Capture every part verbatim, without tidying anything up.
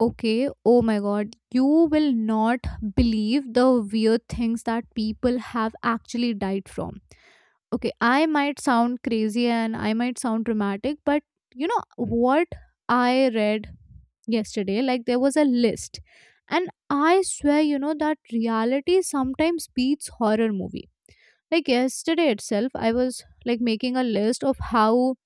Okay, oh my god, you will not believe the weird things that people have actually died from. Okay, I might sound crazy and I might sound dramatic, but you know what I read yesterday? Like, there was a list, and I swear, you know, that reality sometimes beats horror movie like yesterday itself, I was like making a list of how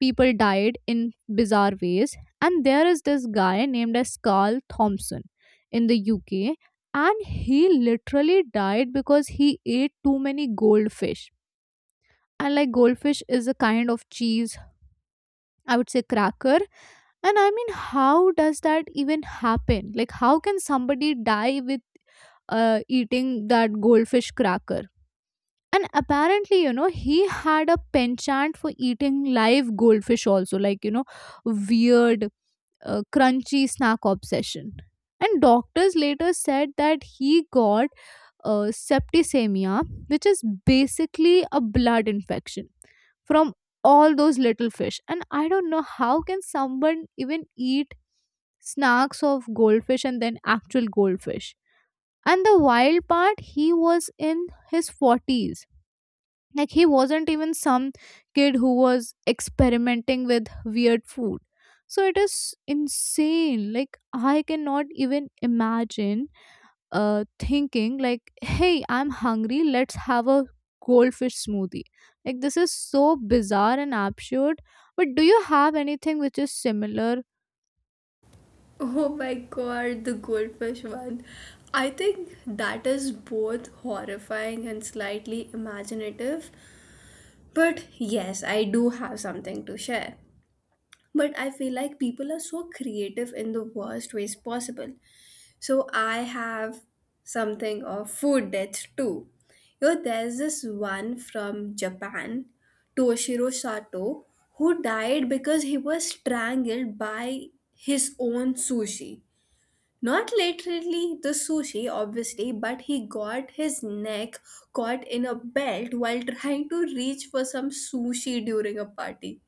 people died in bizarre ways, and there is this guy named as Carl Thompson in the U K, and he literally died because he ate too many goldfish. And like goldfish is a kind of cheese, I would say cracker. And I mean, how does that even happen? Like, how can somebody die with uh, eating that goldfish cracker? And apparently, you know, he had a penchant for eating live goldfish also, like, you know, weird uh, crunchy snack obsession. And doctors later said that he got uh, septicemia, which is basically a blood infection from all those little fish. And I don't know how can someone even eat snacks of goldfish and then actual goldfish. And the wild part, he was in his forties. Like he wasn't even some kid who was experimenting with weird food. So it is insane. Like I cannot even imagine uh thinking like, hey, I'm hungry, let's have a goldfish smoothie. Like this is so bizarre and absurd. But do you have anything which is similar? Oh my god, the goldfish one. I think that is both horrifying and slightly imaginative. But yes, I do have something to share. But I feel like people are so creative in the worst ways possible. So I have something of food death too. You know, there's this one from Japan, Toshiro Sato, who died because he was strangled by his own sushi. Not literally the sushi, obviously, but he got his neck caught in a belt while trying to reach for some sushi during a party.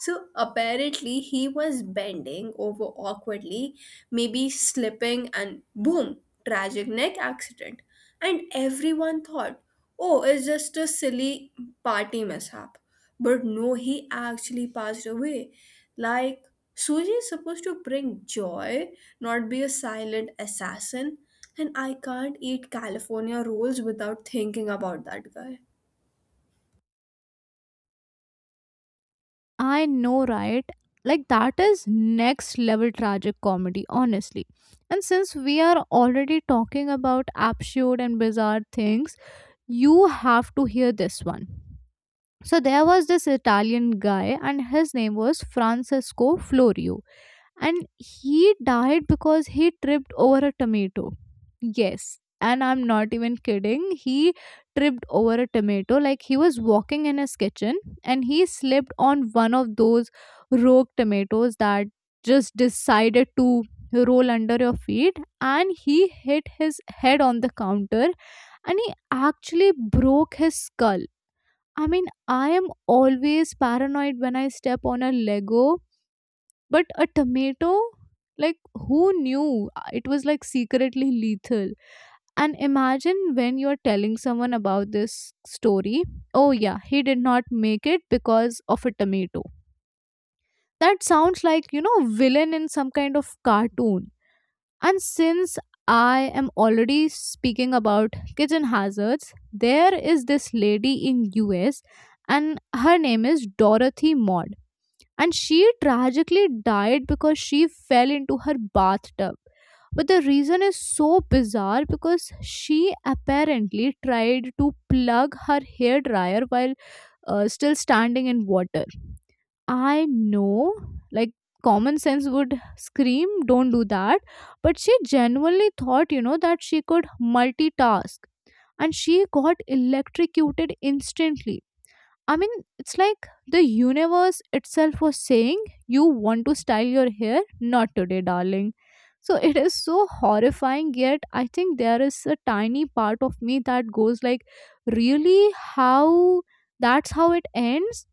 So apparently, he was bending over awkwardly, maybe slipping, and boom, tragic neck accident. And everyone thought, oh, it's just a silly party mishap. But no, he actually passed away. Like, Suji is supposed to bring joy, not be a silent assassin. And I can't eat California rolls without thinking about that guy. I know, right? Like that is next level tragic comedy, honestly. And since we are already talking about absurd and bizarre things, you have to hear this one. So there was this Italian guy and his name was Francesco Florio and he died because he tripped over a tomato. Yes, and I'm not even kidding, he tripped over a tomato. Like he was walking in his kitchen and he slipped on one of those rogue tomatoes that just decided to roll under your feet, and he hit his head on the counter and he actually broke his skull. I mean, I am always paranoid when I step on a Lego, but a tomato, like, who knew? Uh, it was like secretly lethal. And imagine when you're telling someone about this story, oh yeah, he did not make it because of a tomato. That sounds like, you know, villain in some kind of cartoon. And since I am already speaking about kitchen hazards, there is this lady in US, and her name is Dorothy Mott, and she tragically died because she fell into her bathtub. But the reason is so bizarre because she apparently tried to plug her hairdryer while uh, still standing in water. I know, like, common sense would scream, don't do that. But she genuinely thought, you know, that she could multitask and she got electrocuted instantly. I mean, it's like the universe itself was saying, you want to style your hair? Not today, darling. So it is so horrifying, yet I think there is a tiny part of me that goes like, really? How? That's how it ends?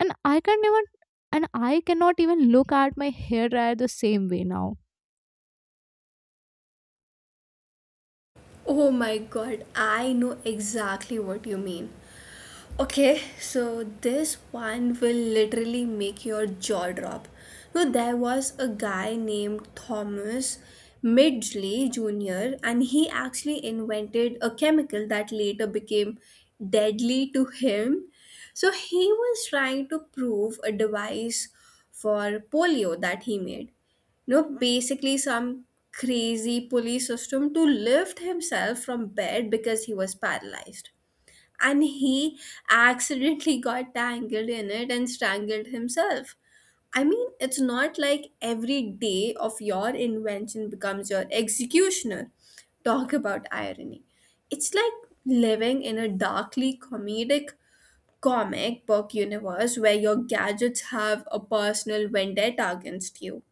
And I can't even, and I cannot even look at my hair dryer the same way now. Oh my god, I know exactly what you mean. Okay, so this one will literally make your jaw drop. So there was a guy named Thomas Midgley Junior and he actually invented a chemical that later became deadly to him. So he was trying to prove a device for polio that he made, you know, basically some crazy pulley system to lift himself from bed because he was paralyzed, and he accidentally got tangled in it and strangled himself. I mean, it's not like every day of your invention becomes your executioner. Talk about irony. It's like living in a darkly comedic comic book universe where your gadgets have a personal vendetta against you.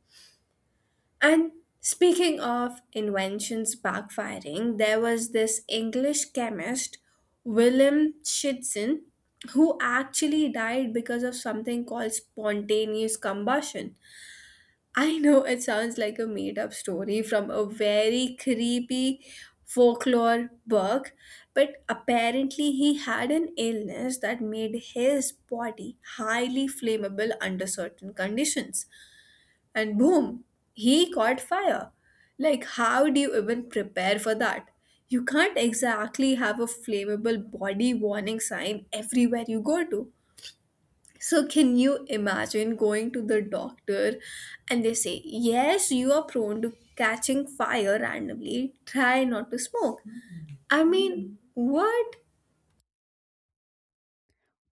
And speaking of inventions backfiring, there was this English chemist, Willem Schidson, who actually died because of something called spontaneous combustion. I know it sounds like a made up story from a very creepy folklore book, but apparently he had an illness that made his body highly flammable under certain conditions, and boom, he caught fire. Like, how do you even prepare for that? You can't exactly have a flammable body warning sign everywhere you go to. So, can you imagine going to the doctor and they say, yes, you are prone to catching fire randomly, try not to smoke? I mean, what?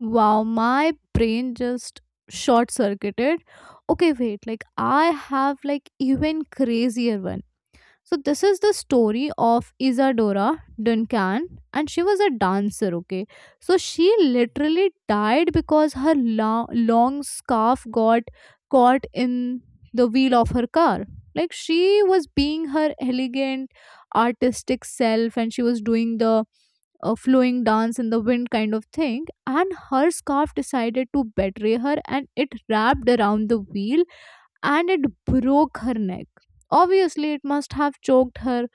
Wow, my brain just short circuited. Okay, wait, like I have like even crazier one. So this is the story of Isadora Duncan and she was a dancer, okay? So she literally died because her lo- long scarf got caught in the wheel of her car. Like she was being her elegant artistic self and she was doing the uh, flowing dance in the wind kind of thing, and her scarf decided to betray her and it wrapped around the wheel and it broke her neck. Obviously, it must have choked her.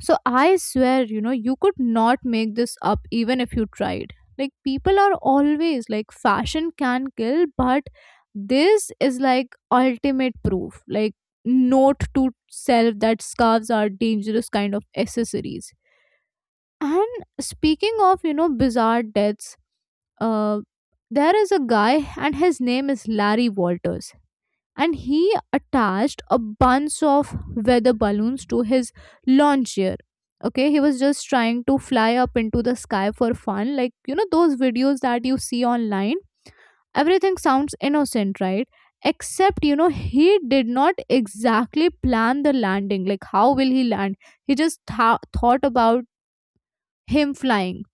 So I swear, you know, you could not make this up even if you tried. Like, people are always like, fashion can kill, but this is like ultimate proof. Like, note to self that scarves are dangerous kind of accessories. And speaking of, you know, bizarre deaths, uh, there is a guy and his name is Larry Walters, and he attached a bunch of weather balloons to his lawn chair. Okay, he was just trying to fly up into the sky for fun. Like, you know, those videos that you see online, everything sounds innocent, right? Except, you know, he did not exactly plan the landing. Like, how will he land? He just tha- thought about him flying.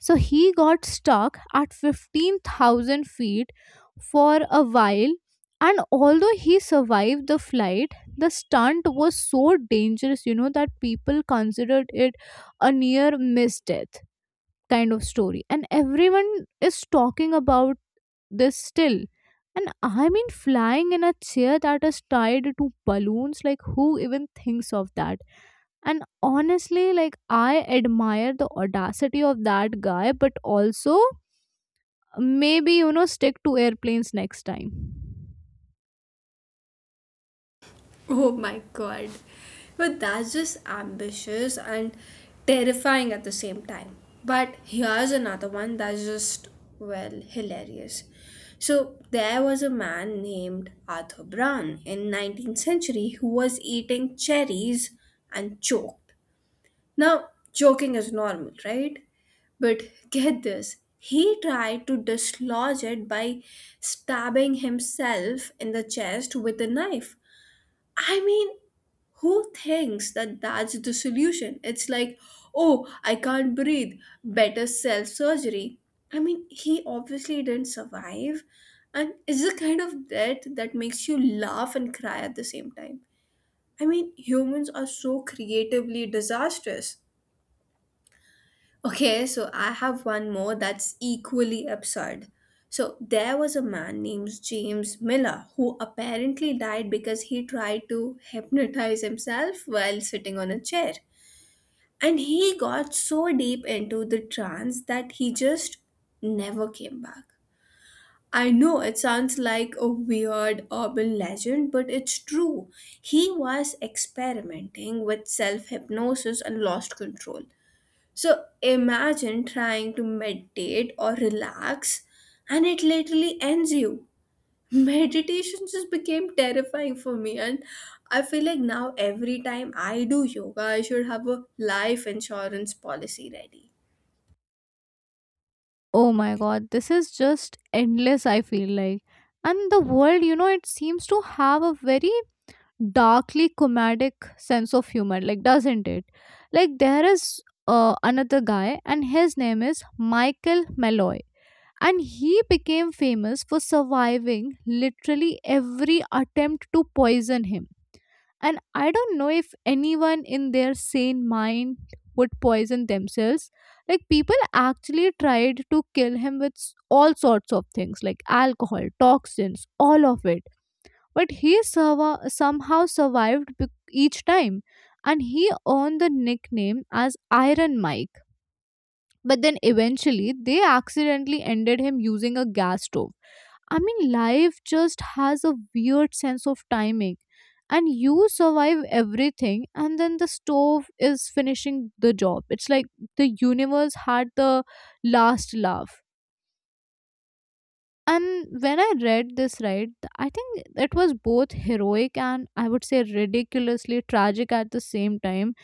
So he got stuck at fifteen thousand feet for a while, and although he survived the flight, the stunt was so dangerous, you know, that people considered it a near miss death kind of story. And everyone is talking about this still. And I mean, flying in a chair that is tied to balloons, like, who even thinks of that? And honestly, like I admire the audacity of that guy, but also maybe, you know, stick to airplanes next time. Oh my god. But that's just ambitious and terrifying at the same time. But here's another one that's just, well, hilarious. So there was a man named Arthur Brown in nineteenth century who was eating cherries and choked. Now, choking is normal, right? But get this, he tried to dislodge it by stabbing himself in the chest with a knife. I mean, who thinks that that's the solution? It's like, oh, I can't breathe, better self surgery. I mean, he obviously didn't survive, and it's the kind of death that makes you laugh and cry at the same time. I mean, humans are so creatively disastrous. Okay, so I have one more that's equally absurd. So there was a man named James Miller who apparently died because he tried to hypnotize himself while sitting on a chair. And he got so deep into the trance that he just never came back. I know it sounds like a weird urban legend, but it's true. He was experimenting with self hypnosis and lost control. So imagine trying to meditate or relax and it literally ends you. Meditation just became terrifying for me, and I feel like now every time I do yoga, I should have a life insurance policy ready. Oh my god, this is just endless, I feel like. And the world, you know, it seems to have a very darkly comedic sense of humor, like, doesn't it? Like, there is uh, another guy, and his name is Michael Malloy. And he became famous for surviving literally every attempt to poison him. And I don't know if anyone in their sane mind would poison themselves. Like, people actually tried to kill him with s- all sorts of things, like alcohol, toxins, all of it. But he survi- somehow survived bec- each time. And he earned the nickname as Iron Mike. But then eventually, they accidentally ended him using a gas stove. I mean, life just has a weird sense of timing. And you survive everything, and then the stove is finishing the job. It's like the universe had the last laugh. And when I read this, right, th- I think it was both heroic and I would say ridiculously tragic at the same time.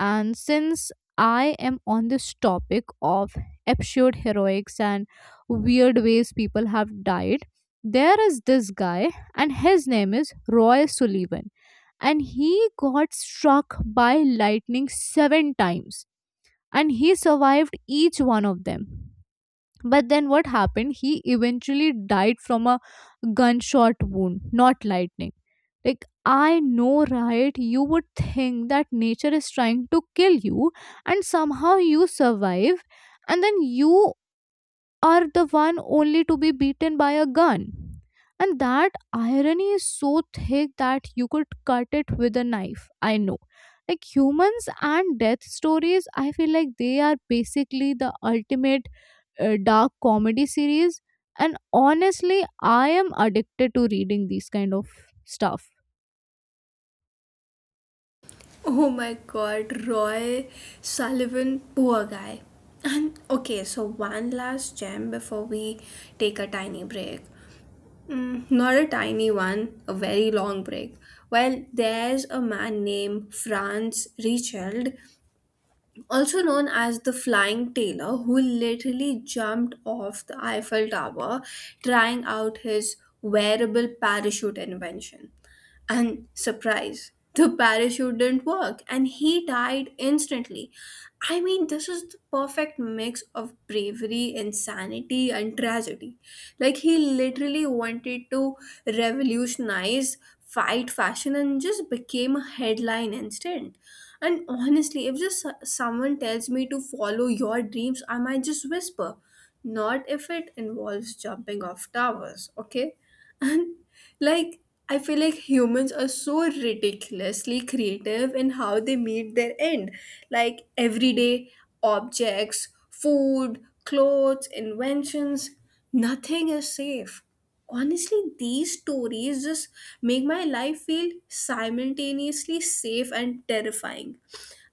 And since I am on this topic of absurd heroics and weird ways people have died, there is this guy, and his name is Roy Sullivan. And he got struck by lightning seven times, and he survived each one of them. But then what happened? He eventually died from a gunshot wound, not lightning. Like, I know, right? You would think that nature is trying to kill you, and somehow you survive, and then you are the one only to be beaten by a gun. And that irony is so thick that you could cut it with a knife. I know. Like humans and death stories, I feel like they are basically the ultimate uh, dark comedy series. And honestly, I am addicted to reading these kind of stuff. Oh my god, Roy Sullivan, poor guy. And okay, so one last gem before we take a tiny break. Mm, not a tiny one, a very long break. Well, there's a man named Franz Richard, also known as the Flying Tailor, who literally jumped off the Eiffel Tower trying out his wearable parachute invention. And surprise, the parachute didn't work and he died instantly. I mean, this is the perfect mix of bravery, insanity, and tragedy. Like, he literally wanted to revolutionize fight fashion and just became a headline instant. And honestly, if just so- someone tells me to follow your dreams, I might just whisper, not if it involves jumping off towers, okay? And like, I feel like humans are so ridiculously creative in how they meet their end. Like, everyday objects, food, clothes, inventions, nothing is safe. Honestly, these stories just make my life feel simultaneously safe and terrifying.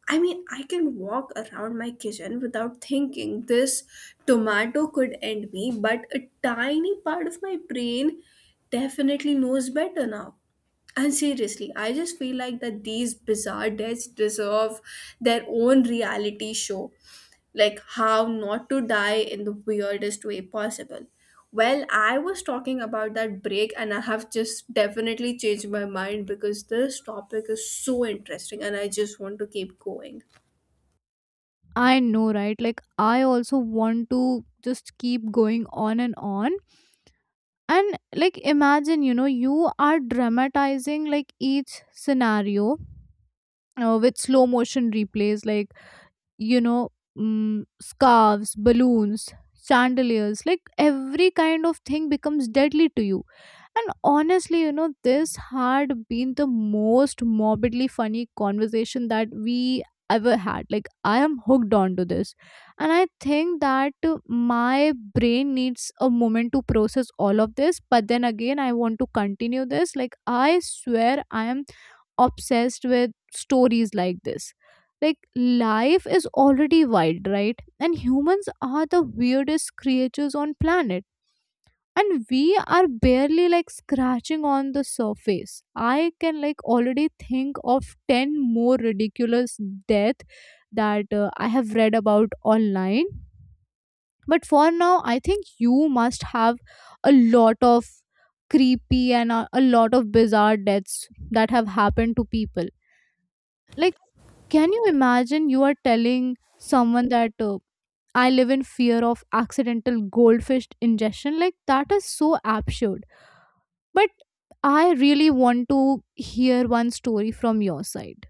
I mean, I can walk around my kitchen without thinking this tomato could end me, but a tiny part of my brain definitely knows better now. And seriously, I just feel like that these bizarre deaths deserve their own reality show. Like, how not to die in the weirdest way possible. Well, I was talking about that break, and I have just definitely changed my mind because this topic is so interesting and I just want to keep going. I know, right? Like I also want to just keep going on and on. And like imagine, you know, you are dramatizing like each scenario uh, with slow motion replays, like, you know, mm, scarves, balloons, chandeliers, like every kind of thing becomes deadly to you. And honestly, you know, this had been the most morbidly funny conversation that we ever had. Like, I am hooked on to this. And I think that uh, my brain needs a moment to process all of this. But then again, I want to continue this. Like, I swear I am obsessed with stories like this. Like, life is already wild, right? And humans are the weirdest creatures on planet, and we are barely like scratching on the surface. I can like already think of ten more ridiculous death that uh, I have read about online. But for now, I think you must have a lot of creepy and a, a lot of bizarre deaths that have happened to people. Like, can you imagine you are telling someone that uh, I live in fear of accidental goldfish ingestion? Like that is so absurd. But I really want to hear one story from your side.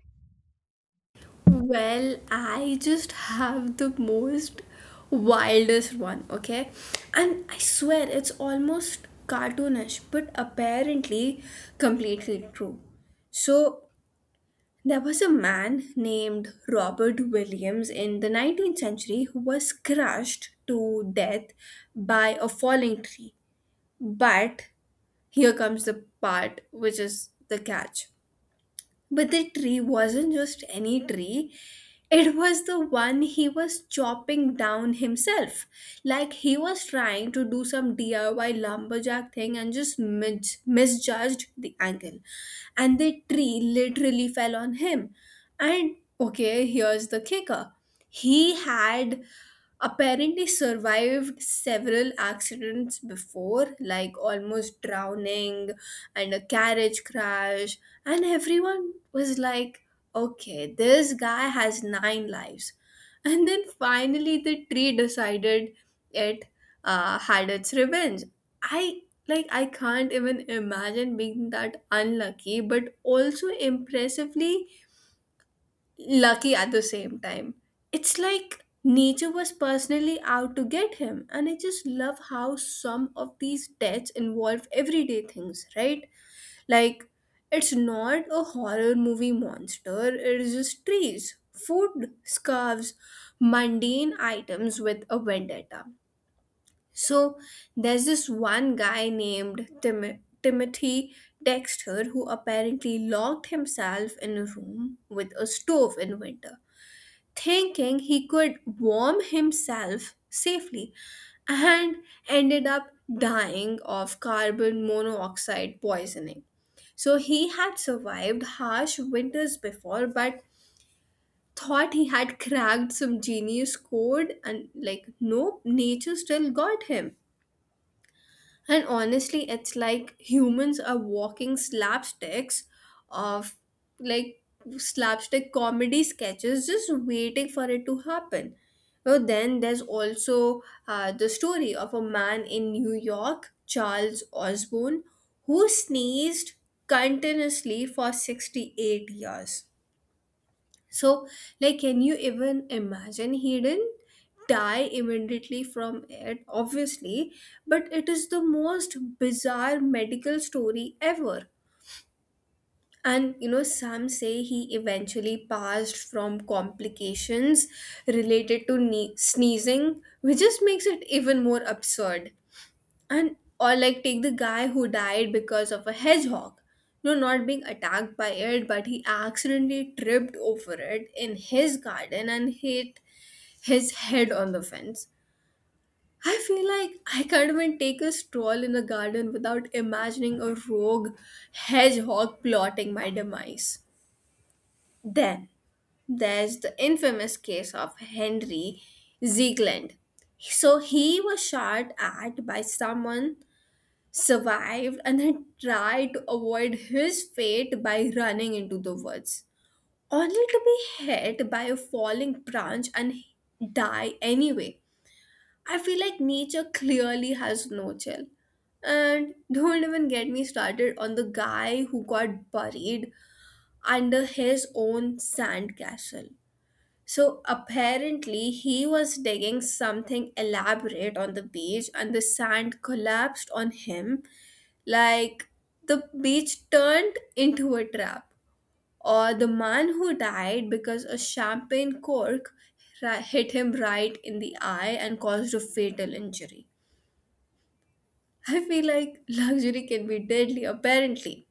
Well, I just have the most wildest one, okay? And I swear it's almost cartoonish, but apparently completely true. So, there was a man named Robert Williams in the nineteenth century who was crushed to death by a falling tree. But here comes the part which is the catch. But the tree wasn't just any tree, it was the one he was chopping down himself. Like he was trying to do some D I Y lumberjack thing and just mis- misjudged the angle. And the tree literally fell on him. And okay, here's the kicker, he had apparently survived several accidents before, like almost drowning and a carriage crash. And everyone was like, okay, this guy has nine lives. And then finally, the tree decided it uh, had its revenge. I like I can't even imagine being that unlucky, but also impressively lucky at the same time. It's like nature was personally out to get him, and I just love how some of these deaths involve everyday things, right? Like, it's not a horror movie monster, it is just trees, food, scarves, mundane items with a vendetta. So, there's this one guy named Tim- Timothy Dexter who apparently locked himself in a room with a stove in winter thinking he could warm himself safely and ended up dying of carbon monoxide poisoning. So he had survived harsh winters before, but thought he had cracked some genius code, and like, nope, nature still got him. And honestly, it's like humans are walking slapsticks of like slapstick comedy sketches just waiting for it to happen. Well, then there's also uh, the story of a man in New York, Charles Osborne, who sneezed continuously for sixty-eight years. So, like, can you even imagine, he didn't die immediately from it, obviously, but it is the most bizarre medical story ever. And you know, some say he eventually passed from complications related to ne- sneezing, which just makes it even more absurd. And or like take the guy who died because of a hedgehog, no, not being attacked by it, but he accidentally tripped over it in his garden and hit his head on the fence. I feel like I can't even take a stroll in a garden without imagining a rogue hedgehog plotting my demise. Then there's the infamous case of Henry Ziegland. So he was shot at by someone, survived and had tried to avoid his fate by running into the woods, only to be hit by a falling branch and die anyway. I feel like nature clearly has no chill. And don't even get me started on the guy who got buried under his own sandcastle. So apparently, he was digging something elaborate on the beach, and the sand collapsed on him. Like the beach turned into a trap. Or the man who died because a champagne cork ri- hit him right in the eye and caused a fatal injury. I feel like luxury can be deadly, apparently.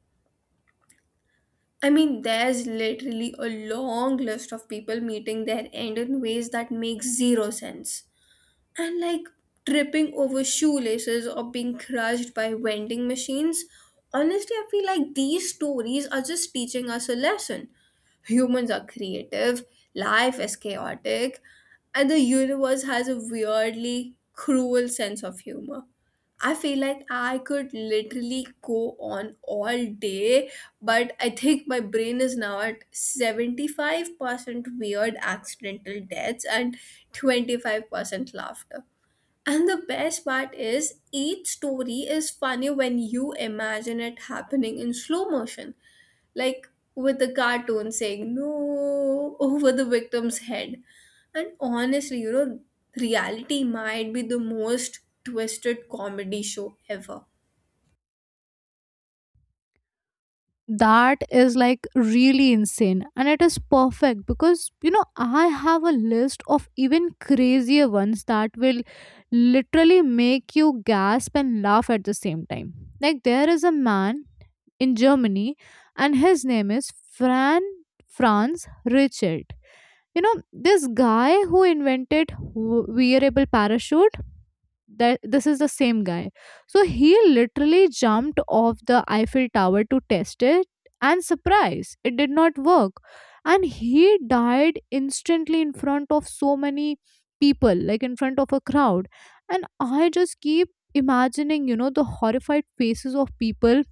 I mean, there's literally a long list of people meeting their end in ways that make zero sense, and like tripping over shoelaces or being crushed by vending machines. Honestly, I feel like these stories are just teaching us a lesson. Humans are creative, life is chaotic, and the universe has a weirdly cruel sense of humor. I feel like I could literally go on all day, but I think my brain is now at seventy-five percent weird accidental deaths and twenty-five percent laughter. And the best part is, each story is funny when you imagine it happening in slow motion, like with the cartoon saying no over the victim's head. And honestly, you know, reality might be the most twisted comedy show ever. That is like really insane and it is perfect because you know I have a list of even crazier ones that will literally make you gasp and laugh at the same time. Like there is a man in Germany, and his name is Fran Franz Richard. You know this guy who invented w- wearable parachute? That this is the same guy, so he literally jumped off the Eiffel Tower to test it, and surprise, it did not work, and he died instantly in front of so many people, like in front of a crowd. And I just keep imagining, you know, the horrified faces of people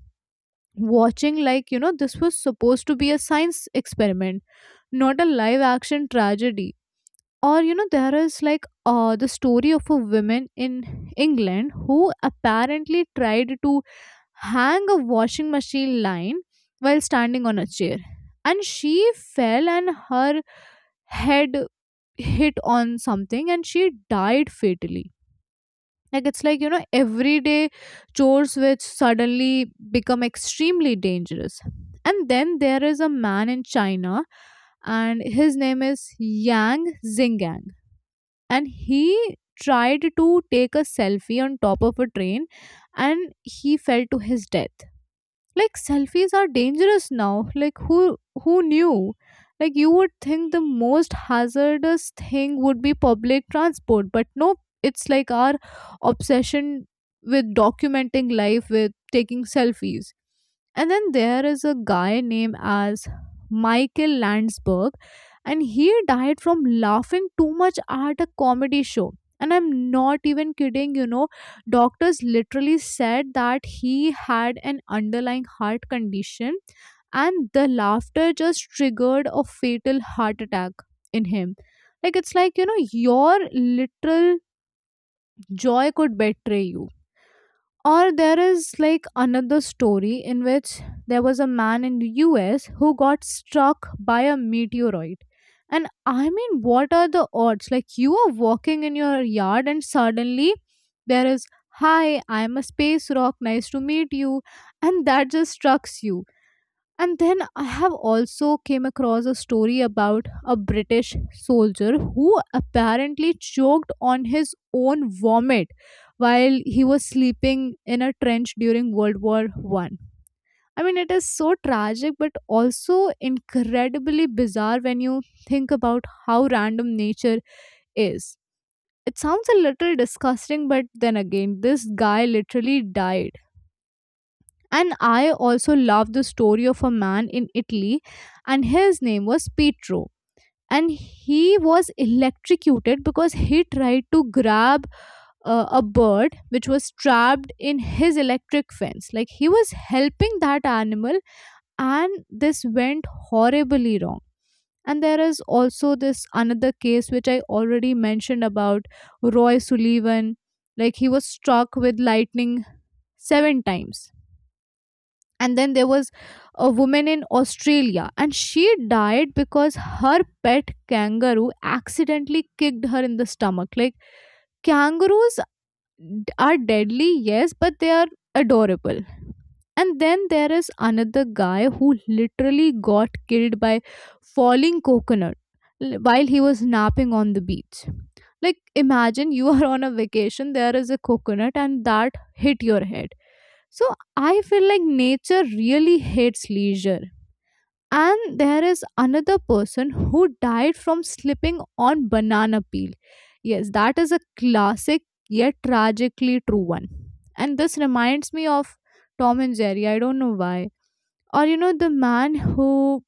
watching, like, you know, this was supposed to be a science experiment, not a live action tragedy. Or, you know, there is like uh, the story of a woman in England who apparently tried to hang a washing machine line while standing on a chair, and she fell, and her head hit on something, and she died fatally. Like, it's like, you know, everyday chores which suddenly become extremely dangerous. And then there is a man in China, and his name is Yang Xingang, and he tried to take a selfie on top of a train, and he fell to his death. Like, selfies are dangerous now. Like, who who knew? Like, you would think the most hazardous thing would be public transport, but no, it's like our obsession with documenting life, with taking selfies. And then there is a guy named as Michael Landsberg, and he died from laughing too much at a comedy show. And I'm not even kidding, you know, doctors literally said that he had an underlying heart condition, and the laughter just triggered a fatal heart attack in him. Like, it's like, you know, your literal joy could betray you. Or there is like another story in which there was a man in the U S who got struck by a meteoroid. And I mean, what are the odds? Like, you are walking in your yard, and suddenly there is, hi, I'm a space rock, nice to meet you. And that just struck you. And then I have also came across a story about a British soldier who apparently choked on his own vomit while he was sleeping in a trench during world war one. I mean, it is so tragic, but also incredibly bizarre when you think about how random nature is. It sounds a little disgusting, but then again, this guy literally died. And I also love the story of a man in Italy, and his name was Pietro. And he was electrocuted because he tried to grab uh, a bird which was trapped in his electric fence. Like, he was helping that animal, and this went horribly wrong. And there is also this another case which I already mentioned about Roy Sullivan. Like, he was struck with lightning seven times. And then there was a woman in Australia, and she died because her pet kangaroo accidentally kicked her in the stomach. Like, kangaroos d- are deadly, yes, but they are adorable. And then there is another guy who literally got killed by falling coconut l- while he was napping on the beach. Like, imagine you are on a vacation, there is a coconut, and that hit your head. So I feel like nature really hates leisure. And there is another person who died from slipping on banana peel. Yes, that is a classic yet tragically true one. And this reminds me of Tom and Jerry. I don't know why. Or, you know, the man who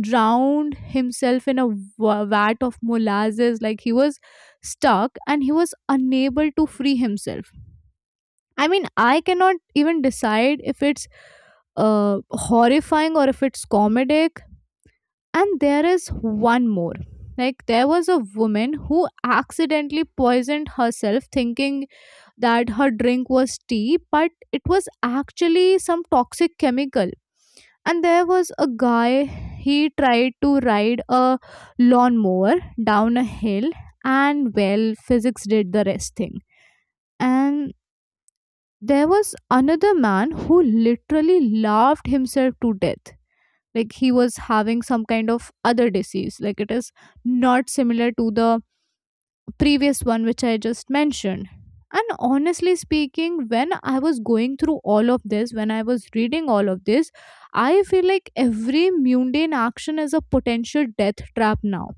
drowned himself in a wa- vat of molasses. Like, he was stuck, and he was unable to free himself. I mean, I cannot even decide if it's uh, horrifying or if it's comedic. And there is one more. Like, there was a woman who accidentally poisoned herself thinking that her drink was tea, but it was actually some toxic chemical. And there was a guy, he tried to ride a lawnmower down a hill, and well, physics did the rest thing. And there was another man who literally laughed himself to death. Like, he was having some kind of other disease. Like, it is not similar to the previous one which I just mentioned. And honestly speaking, when I was going through all of this, when I was reading all of this, I feel like every mundane action is a potential death trap now.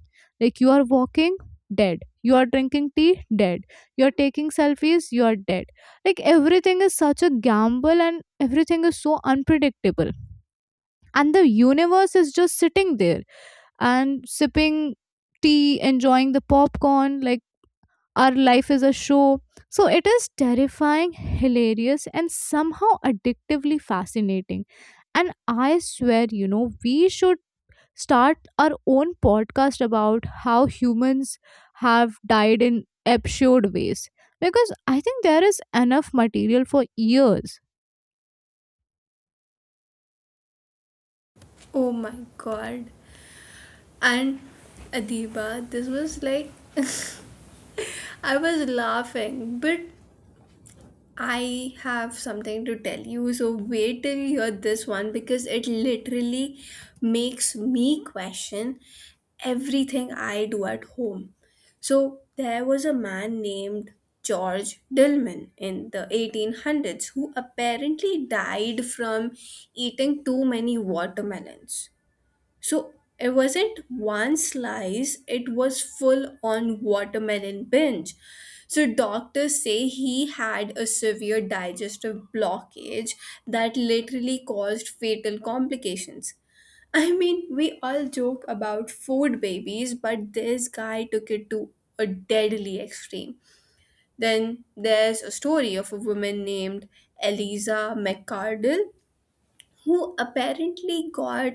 Like, you are walking, dead. You are drinking tea, dead. You are taking selfies, you are dead. Like, everything is such a gamble, and everything is so unpredictable. And the universe is just sitting there and sipping tea, enjoying the popcorn, like our life is a show. So it is terrifying, hilarious, and somehow addictively fascinating. And I swear, you know, we should start our own podcast about how humans have died in absurd ways, because I think there is enough material for years. Oh my god. And Adiba, this was like I was laughing, but I have something to tell you, so wait till you hear this one because it literally makes me question everything I do at home. So, there was a man named George Dillman in the eighteen hundreds who apparently died from eating too many watermelons. So it wasn't one slice, it was full on watermelon binge. So doctors say he had a severe digestive blockage that literally caused fatal complications. I mean, we all joke about food babies, but this guy took it to a deadly extreme. Then there's a story of a woman named Eliza McCardle who apparently got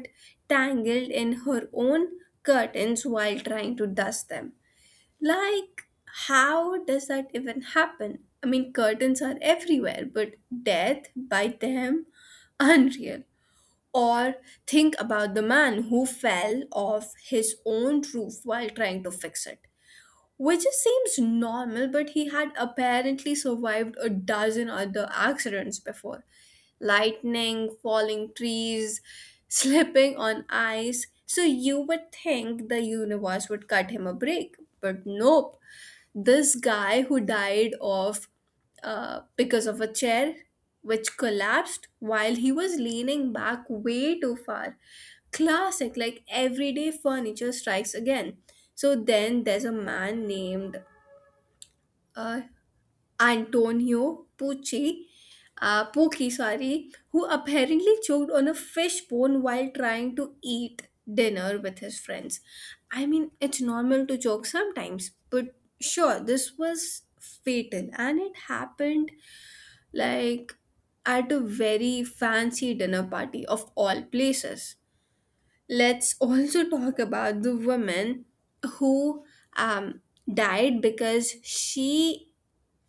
tangled in her own curtains while trying to dust them. Like, how does that even happen? I mean, curtains are everywhere, but death by them, unreal. Or think about the man who fell off his own roof while trying to fix it, which just seems normal, but he had apparently survived a dozen other accidents before: lightning, falling trees, slipping on ice. So you would think the universe would cut him a break, but nope. This guy who died of uh, because of a chair which collapsed while he was leaning back way too far. Classic, like everyday furniture strikes again. So then there's a man named uh, Antonio Pucci, uh, Pucci, sorry, who apparently choked on a fish bone while trying to eat dinner with his friends. I mean, it's normal to choke sometimes, but sure, this was fatal and it happened like at a very fancy dinner party of all places. Let's also talk about the woman who um, died because she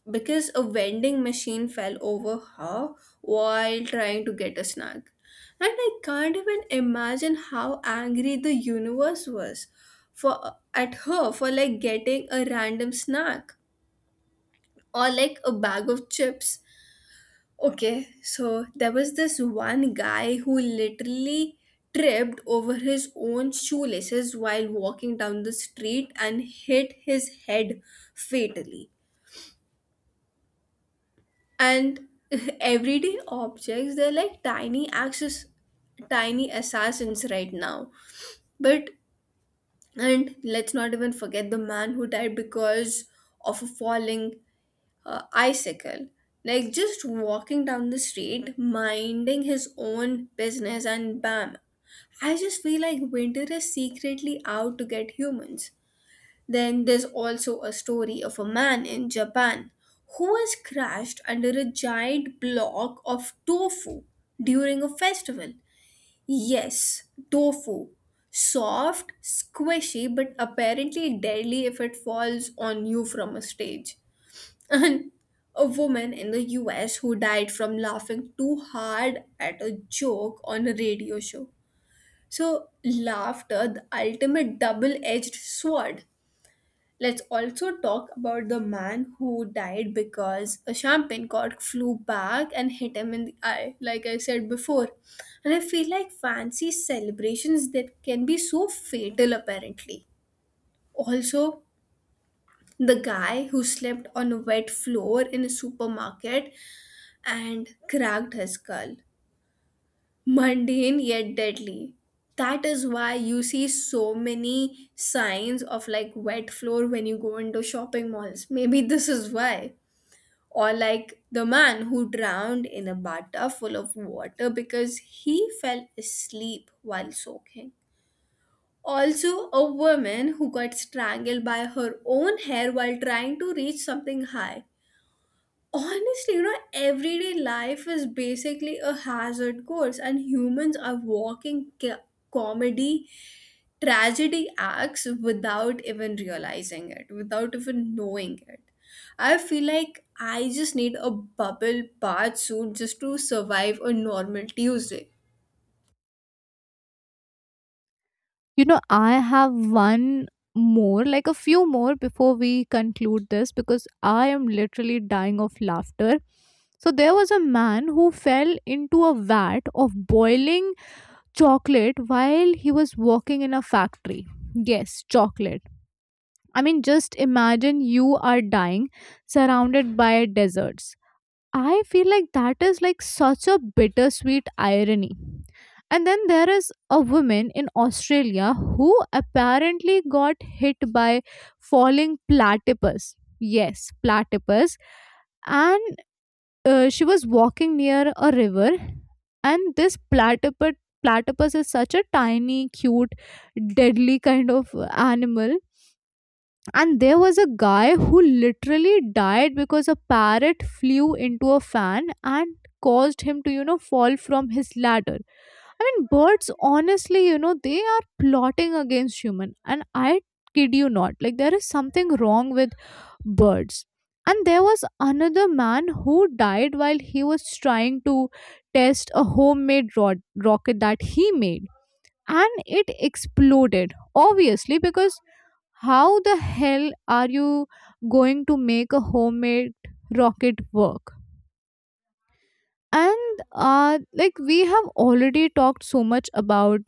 because a vending machine fell over her while trying to get a snack. And I can't even imagine how angry the universe was for at her for like getting a random snack or like a bag of chips. Okay, so there was this one guy who literally tripped over his own shoelaces while walking down the street and hit his head fatally. And everyday objects, they're like tiny access tiny assassins right now. But and let's not even forget the man who died because of a falling uh, icicle, like just walking down the street minding his own business and bam. I just feel like winter is secretly out to get humans. Then there's also a story of a man in Japan who was crushed under a giant block of tofu during a festival. Yes, tofu. Soft, squishy, but apparently deadly if it falls on you from a stage. And a woman in the U S who died from laughing too hard at a joke on a radio show. So, laughter, the ultimate double edged sword. Let's also talk about the man who died because a champagne cork flew back and hit him in the eye, like I said before. And I feel like fancy celebrations, that can be so fatal, apparently. Also, the guy who slept on a wet floor in a supermarket and cracked his skull. Mundane yet deadly. That is why you see so many signs of like wet floor when you go into shopping malls. Maybe this is why. Or like the man who drowned in a bathtub full of water because he fell asleep while soaking. Also, a woman who got strangled by her own hair while trying to reach something high. Honestly, you know, everyday life is basically a hazard course, and humans are walking ca- comedy, tragedy acts without even realizing it, without even knowing it. I feel like I just need a bubble bath suit just to survive a normal Tuesday. You know, I have one more, like a few more before we conclude this, because I am literally dying of laughter. So, there was a man who fell into a vat of boiling chocolate while he was working in a factory. Yes, chocolate. I mean, just imagine you are dying surrounded by deserts. I feel like that is like such a bittersweet irony. And then there is a woman in Australia who apparently got hit by falling platypus. Yes, platypus. And uh, she was walking near a river, and this platypus platypus is such a tiny, cute, deadly kind of animal. And there was a guy who literally died because a parrot flew into a fan and caused him to, you know, fall from his ladder. I mean, birds, honestly, you know, they are plotting against human. And I kid you not, like, there is something wrong with birds. And there was another man who died while he was trying to test a homemade rod- rocket that he made. And it exploded, obviously, because how the hell are you going to make a homemade rocket work? And uh like, we have already talked so much about,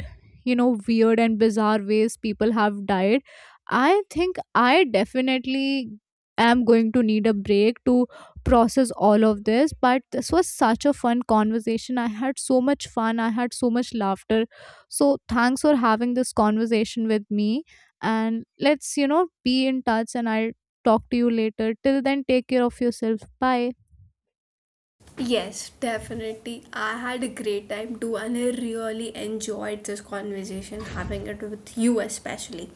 you know, weird and bizarre ways people have died. I think I definitely am going to need a break to process all of this, but this was such a fun conversation. I had so much fun, I had so much laughter. So thanks for having this conversation with me, and let's, you know, be in touch, and I'll talk to you later. Till then, take care of yourself. Bye Yes, definitely. I had a great time too, and I really enjoyed this conversation, having it with you especially.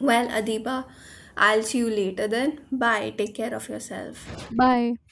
Well, Adiba, I'll see you later then. Bye. Take care of yourself. bye.